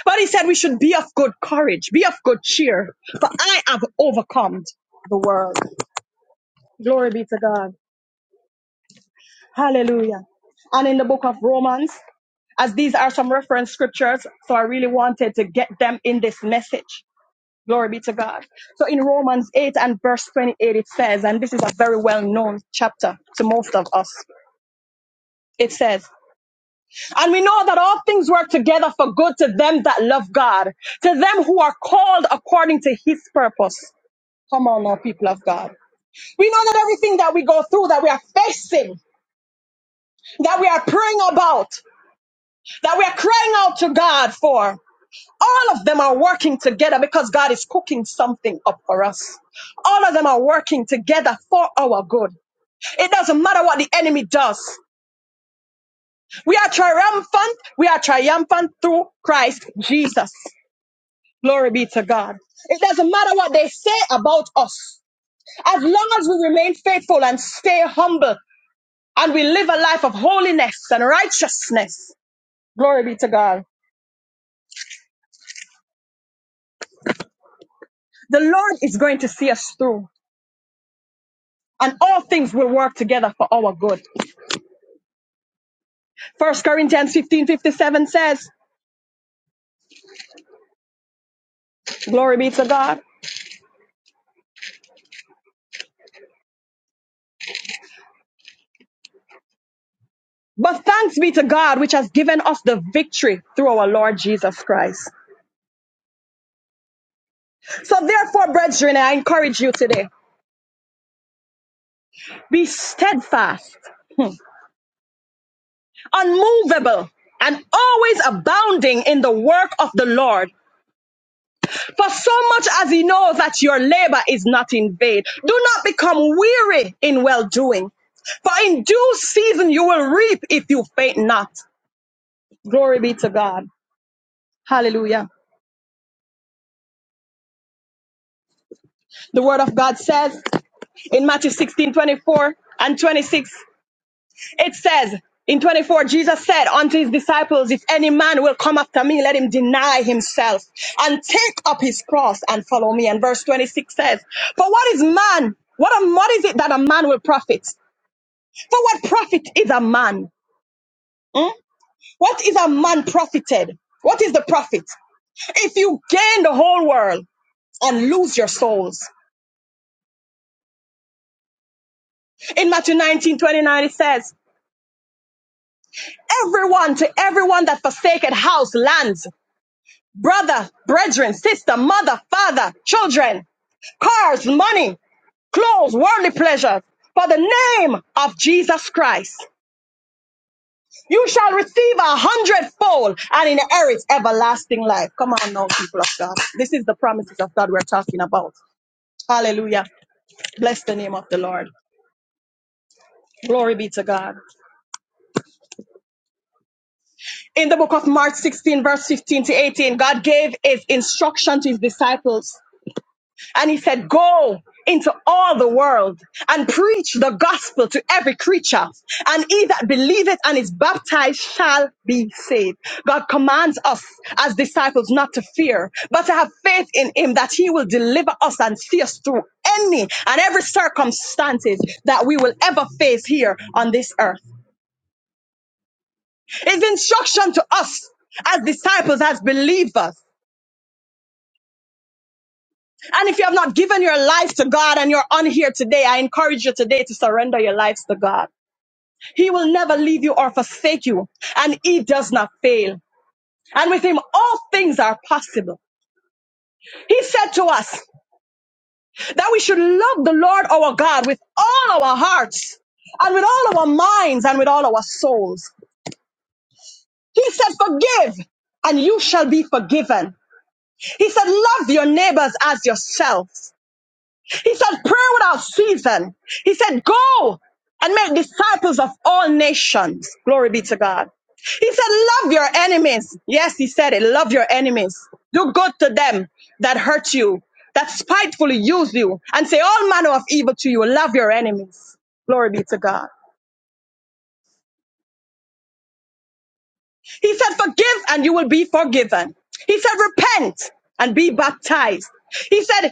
C: But he said we should be of good courage, be of good cheer, for I have overcome the world. Glory be to God. Hallelujah. And in the book of Romans, as these are some reference scriptures, so I really wanted to get them in this message. Glory be to God. So in Romans 8 and verse 28, it says, and this is a very well known chapter to most of us. It says, and we know that all things work together for good to them that love God, to them who are called according to his purpose. Come on now, people of God. We know that everything that we go through, that we are facing, that we are praying about, that we are crying out to God for, all of them are working together because God is cooking something up for us. All of them are working together for our good. It doesn't matter what the enemy does. We are triumphant. We are triumphant through Christ Jesus. Glory be to God. It doesn't matter what they say about us. As long as we remain faithful and stay humble and we live a life of holiness and righteousness. Glory be to God. The Lord is going to see us through, and all things will work together for our good. First Corinthians 15 57 says, Glory be to God. But thanks be to God, which has given us the victory through our Lord Jesus Christ. So, therefore, brethren, I encourage you today be steadfast, unmovable, and always abounding in the work of the Lord, For so much as he knows that your labor is not in vain. Do not become weary in well doing. For in due season you will reap if you faint not. Glory be to God. Hallelujah. The word of God says in Matthew 16:24 and 26, it says, in 24, Jesus said unto his disciples, If any man will come after me, let him deny himself and take up his cross and follow me. And verse 26 says, For what is man? What, a, what is it that a man will profit? For what profit is a man? Hmm? What is a man profited? What is the profit? If you gain the whole world and lose your souls. In Matthew 19:29 it says, Everyone to everyone that forsaketh house, lands, brother, brethren, sister, mother, father, children, cars, money, clothes, worldly pleasures, for the name of Jesus Christ. You shall receive a hundredfold and inherit everlasting life. Come on now, people of God. This is the promises of God we're talking about. Hallelujah. Bless the name of the Lord. Glory be to God. In the book of Mark 16, verse 15 to 18, God gave his instruction to his disciples And he said, Go into all the world and preach the gospel to every creature. And he that believeth and is baptized shall be saved. God commands us as disciples not to fear, but to have faith in him that he will deliver us and see us through any and every circumstances that we will ever face here on this earth. His instruction to us as disciples, as believers. And if you have not given your life to God and you're on here today, I encourage you today to surrender your lives to God. He will never leave you or forsake you, and He does not fail. And with Him, all things are possible. He said to us that we should love the Lord our God with all our hearts and with all our minds and with all our souls. He said, Forgive, and you shall be forgiven. He said, Love your neighbors as yourselves." He said, Pray without season. He said, Go and make disciples of all nations. Glory be to God. He said, Love your enemies. Yes, he said it. Love your enemies. Do good to them that hurt you, that spitefully use you, and say all manner of evil to you. Love your enemies. Glory be to God. He said, Forgive and you will be forgiven. He said, Repent and be baptized. He said,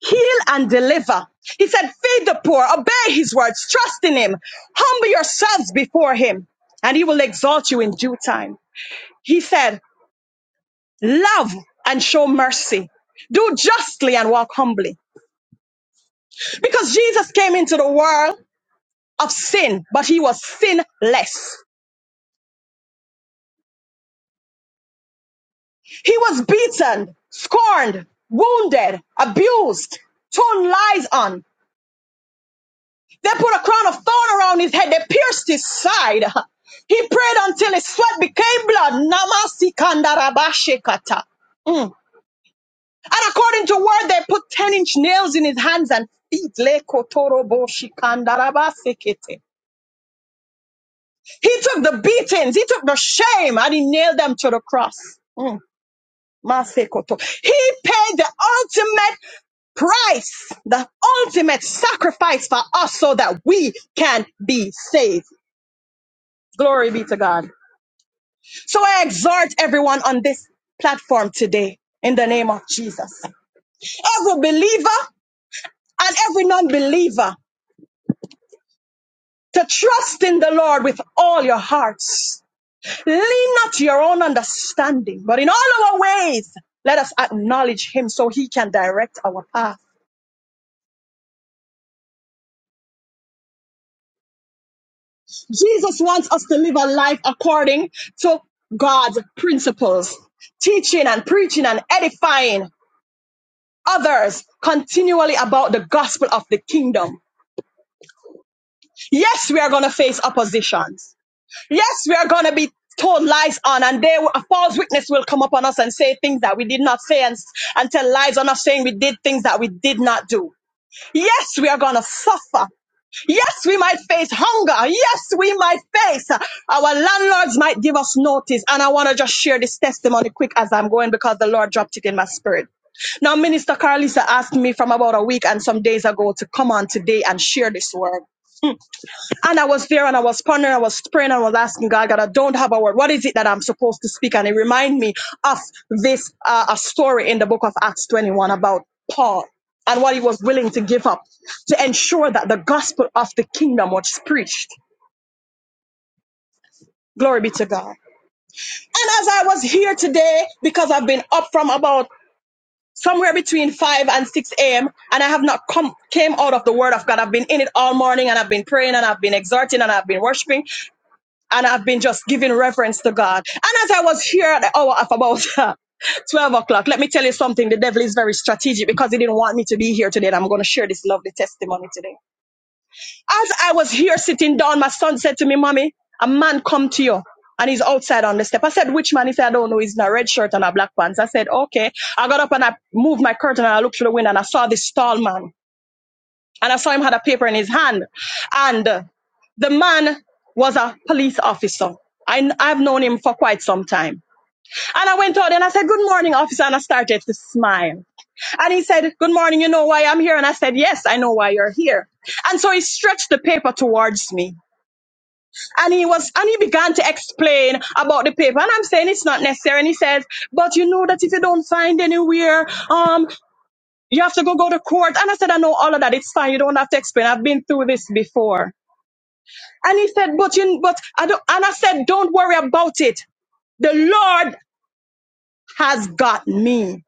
C: heal and deliver. He said, feed the poor, obey his words, trust in him, humble yourselves before him, and he will exalt you in due time. He said, love and show mercy, do justly and walk humbly. Because Jesus came into the world of sin, but he was sinless. He was beaten, scorned, wounded, abused, thrown lies on. They put a crown of thorn around his head. They pierced his side. He prayed until his sweat became blood. Namasi kandarabashekata. Mm. And according to word, they put 10 inch nails in his hands and feet. Lekotoroboshi kandarabasekete. He took the beatings, he took the shame, and he nailed them to the cross. Mm. Masekoto. He paid the ultimate price, the ultimate sacrifice for us so that we can be saved. Glory be to God. So I exhort everyone on this platform today in the name of Jesus. Every believer and every non believer to trust in the Lord with all your hearts. Lean not to your own understanding, but in all our ways, let us acknowledge Him so He can direct our path. Jesus wants us to live a life according to God's principles, teaching and preaching and edifying others continually about the gospel of the kingdom. Yes, we are going to face oppositions. Yes, we are going to be told lies on and they a false witness will come upon us and say things that we did not say and, and tell lies on us saying we did things that we did not do. Yes, we are going to suffer. Yes, we might face hunger. Yes, we might face. Our landlords might give us notice. And I want to just share this testimony quick as I'm going because the Lord dropped it in my spirit. Now, Minister Carlisa asked me from about a week and some days ago to come on today and share this word. And I was there and I was pondering, I was praying, and I was asking God, God, I don't have a word. What is it that I'm supposed to speak? And it reminded me of this uh, a story in the book of Acts 21 about Paul and what he was willing to give up to ensure that the gospel of the kingdom was preached. Glory be to God. And as I was here today, because I've been up from about somewhere between 5 and 6 a.m. and I have not come came out of the word of God. I've been in it all morning and I've been praying and I've been exhorting and I've been worshiping and I've been just giving reverence to God. And as I was here at the hour of about *laughs* 12 o'clock, let me tell you something. The devil is very strategic because he didn't want me to be here today. And I'm going to share this lovely testimony today. As I was here sitting down, my son said to me, Mommy, a man come to you. And he's outside on the step. I said, which man? He said, I don't know. He's in a red shirt and a black pants. I said, okay. I got up and I moved my curtain and I looked through the window and I saw this tall man and I saw him had a paper in his hand. And uh, the man was a police officer. I, have known him for quite some time. And I went out and I said, Good morning, officer. And I started to smile. And he said, Good morning, you know why I'm here? And I said, Yes, I know why you're here. And so he stretched the paper towards me. And he was, and he began to explain about the paper. And I'm saying it's not necessary. And he says, but you know that if you don't find anywhere, um, you have to go go to court. And I said, I know all of that. It's fine. You don't have to explain. I've been through this before. And he said, but you, but I don't, and I said, don't worry about it. The Lord has got me.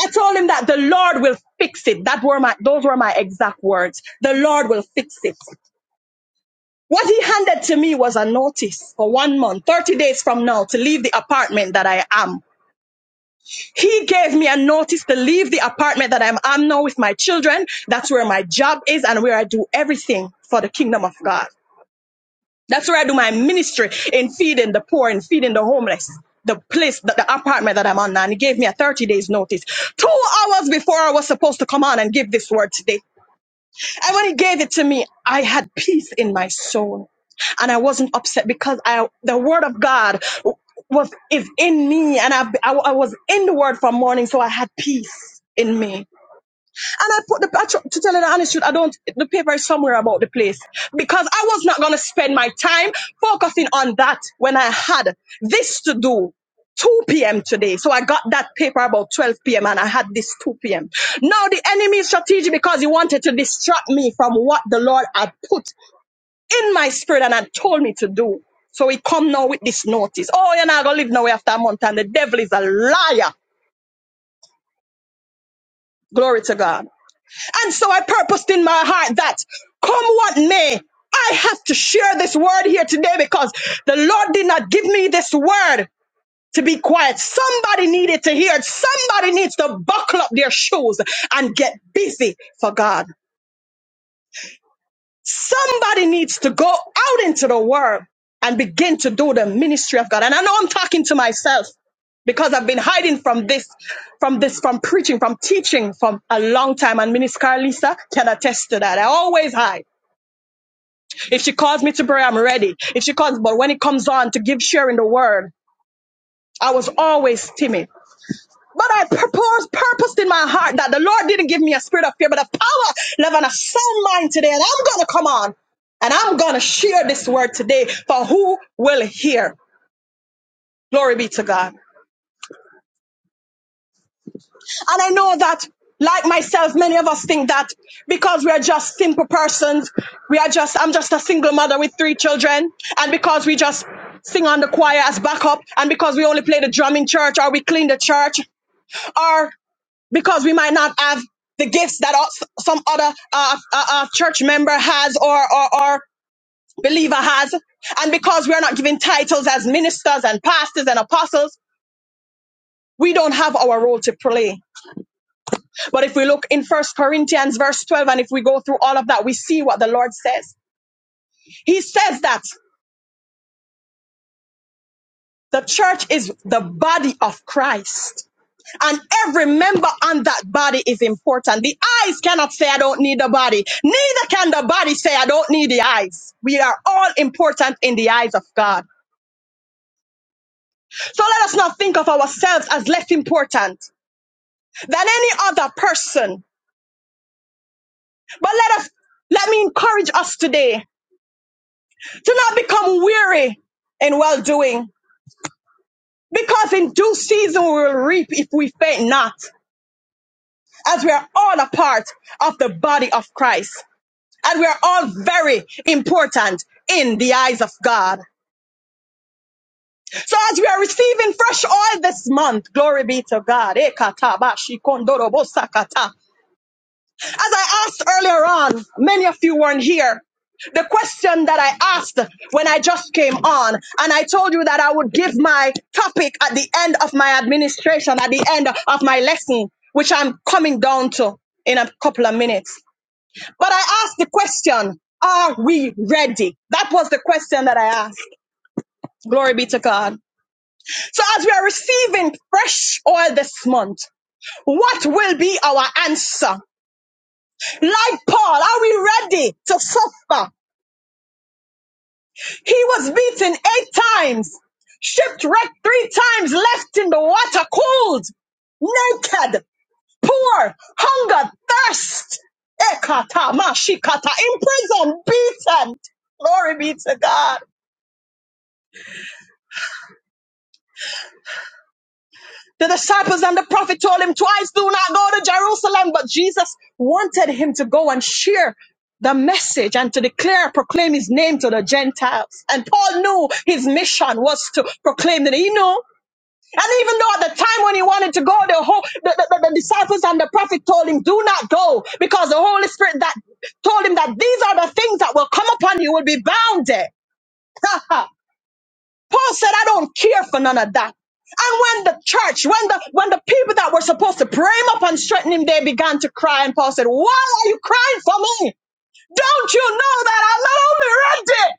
C: I told him that the Lord will fix it. That were my, those were my exact words. The Lord will fix it. What he handed to me was a notice for one month, 30 days from now to leave the apartment that I am. He gave me a notice to leave the apartment that I'm, I'm now with my children. That's where my job is and where I do everything for the kingdom of God. That's where I do my ministry in feeding the poor and feeding the homeless. The place, the, the apartment that I'm on now. And he gave me a 30 days notice. Two hours before I was supposed to come on and give this word today. And when he gave it to me, I had peace in my soul. And I wasn't upset because I, the word of God was, is in me. And I, I, I was in the word from morning. So I had peace in me. And I put the, I tr- to tell you the honest truth, I don't, the paper is somewhere about the place because I was not going to spend my time focusing on that when I had this to do. 2 p.m. today. So I got that paper about 12 p.m. and I had this 2 p.m. Now the enemy is strategic because he wanted to distract me from what the Lord had put in my spirit and had told me to do. So he come now with this notice. Oh, you're not going to live nowhere after a month and the devil is a liar. Glory to God. And so I purposed in my heart that come what may, I have to share this word here today because the Lord did not give me this word to be quiet. Somebody needed to hear it. Somebody needs to buckle up their shoes and get busy for God. Somebody needs to go out into the world and begin to do the ministry of God. And I know I'm talking to myself because I've been hiding from this, from this, from preaching, from teaching from a long time. And Minister Carlisa can attest to that. I always hide. If she calls me to pray, I'm ready. If she calls, but when it comes on to give sharing the word, I was always timid. But I purpose, purposed in my heart that the Lord didn't give me a spirit of fear, but of power, love, and a sound mind today. And I'm going to come on and I'm going to share this word today for who will hear. Glory be to God. And I know that, like myself, many of us think that because we are just simple persons, we are just, I'm just a single mother with three children, and because we just sing on the choir as backup, and because we only play the drum in church or we clean the church, or because we might not have the gifts that us- some other uh, uh, uh, church member has or, or, or believer has. And because we are not given titles as ministers and pastors and apostles, we don't have our role to play. But if we look in First Corinthians verse 12, and if we go through all of that, we see what the Lord says. He says that the church is the body of Christ and every member on that body is important. The eyes cannot say, I don't need the body. Neither can the body say, I don't need the eyes. We are all important in the eyes of God. So let us not think of ourselves as less important than any other person. But let us, let me encourage us today to not become weary in well doing. Because in due season we will reap if we faint not, as we are all a part of the body of Christ. and we are all very important in the eyes of God. So as we are receiving fresh oil this month, glory be to God. Ekata ba shikondoro sakata. As I asked earlier on, many of you weren't here. The question that I asked when I just came on, and I told you that I would give my topic at the end of my administration, at the end of my lesson, which I'm coming down to in a couple of minutes. But I asked the question, are we ready? That was the question that I asked. Glory be to God. So as we are receiving fresh oil this month, what will be our answer? Like Paul, are we ready to suffer? He was beaten eight times, shipwrecked three times, left in the water cold, naked, poor, hunger, thirst, ekata, mashikata, imprisoned, beaten. Glory be to God. The disciples and the prophet told him twice, do not go to Jerusalem. But Jesus wanted him to go and share the message and to declare, proclaim his name to the Gentiles. And Paul knew his mission was to proclaim that he knew. And even though at the time when he wanted to go, the, whole, the, the, the disciples and the prophet told him, do not go because the Holy Spirit that told him that these are the things that will come upon you will be bound there. *laughs* Paul said, I don't care for none of that. And when the church, when the when the people that were supposed to pray him up and strengthen him, they began to cry. And Paul said, Why are you crying for me? Don't you know that I'm not only ready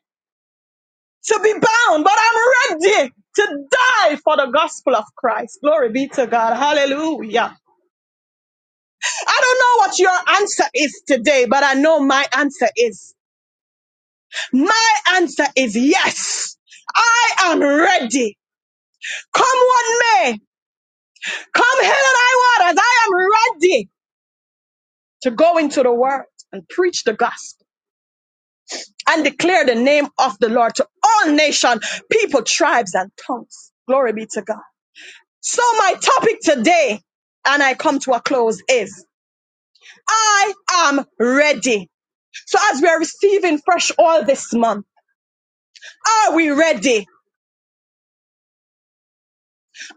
C: to be bound, but I'm ready to die for the gospel of Christ. Glory be to God. Hallelujah. I don't know what your answer is today, but I know my answer is. My answer is yes. I am ready. Come what may. Come hell and high waters, I am ready to go into the world and preach the gospel and declare the name of the Lord to all nation, people, tribes, and tongues. Glory be to God. So my topic today, and I come to a close, is I am ready. So as we are receiving fresh oil this month, are we ready?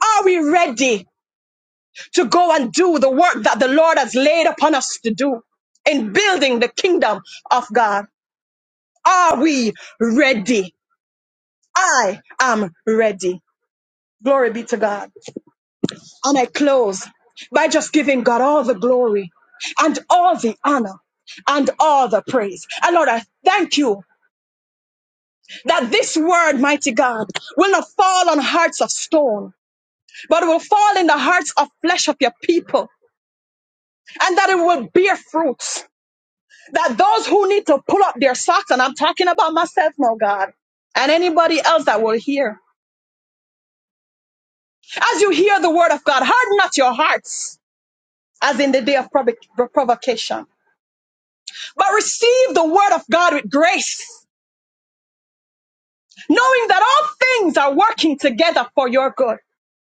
C: Are we ready to go and do the work that the Lord has laid upon us to do in building the kingdom of God? Are we ready? I am ready. Glory be to God. And I close by just giving God all the glory and all the honor and all the praise. And Lord, I thank you that this word, mighty God, will not fall on hearts of stone, but will fall in the hearts of flesh of your people, and that it will bear fruits. That those who need to pull up their socks, and I'm talking about myself now, God, and anybody else that will hear. As you hear the word of God, harden not your hearts as in the day of provo- provocation, but receive the word of God with grace, knowing that all things are working together for your good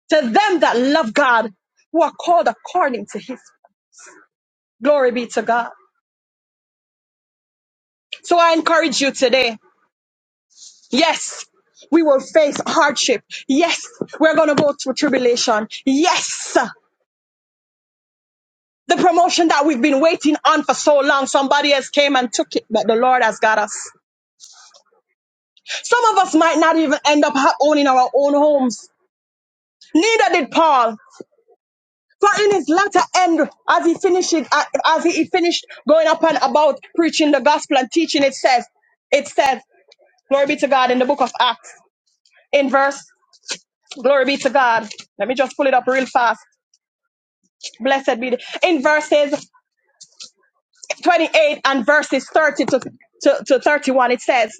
C: to them that love God, who are called according to his glory be to God. So I encourage you today. Yes, we will face hardship. Yes, we're going to go through tribulation. Yes, the promotion that we've been waiting on for so long, somebody else came and took it, but the Lord has got us. Some of us might not even end up owning our own homes. Neither did Paul. For in his latter end, as he finished, as he finished going up and about preaching the gospel and teaching, it says, it says, glory be to God in the book of Acts, in verse, glory be to God. Let me just pull it up real fast. Blessed be the, in verses 28 and verses 30 to, to, to 31, it says,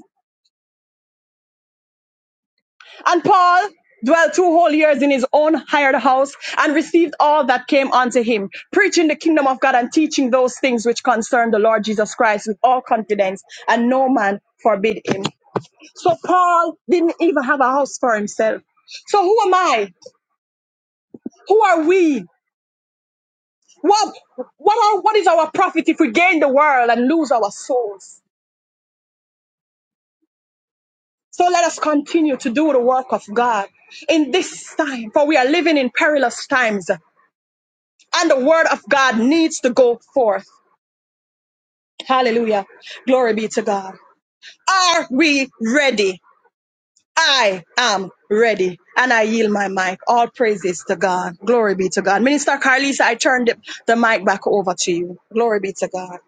C: And Paul dwelt two whole years in his own hired house and received all that came unto him, preaching the kingdom of God and teaching those things which concern the Lord Jesus Christ with all confidence, and no man forbid him. So Paul didn't even have a house for himself. So who am I? Who are we? What what are what is our profit if we gain the world and lose our souls? So let us continue to do the work of God in this time, for we are living in perilous times. And the word of God needs to go forth. Hallelujah. Glory be to God. Are we ready? I am ready and I yield my mic. All praises to God. Glory be to God. Minister Carlisa, I turn the, the mic back over to you. Glory be to God.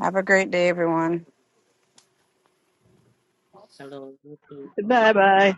D: Have a great day, everyone.
C: Bye bye.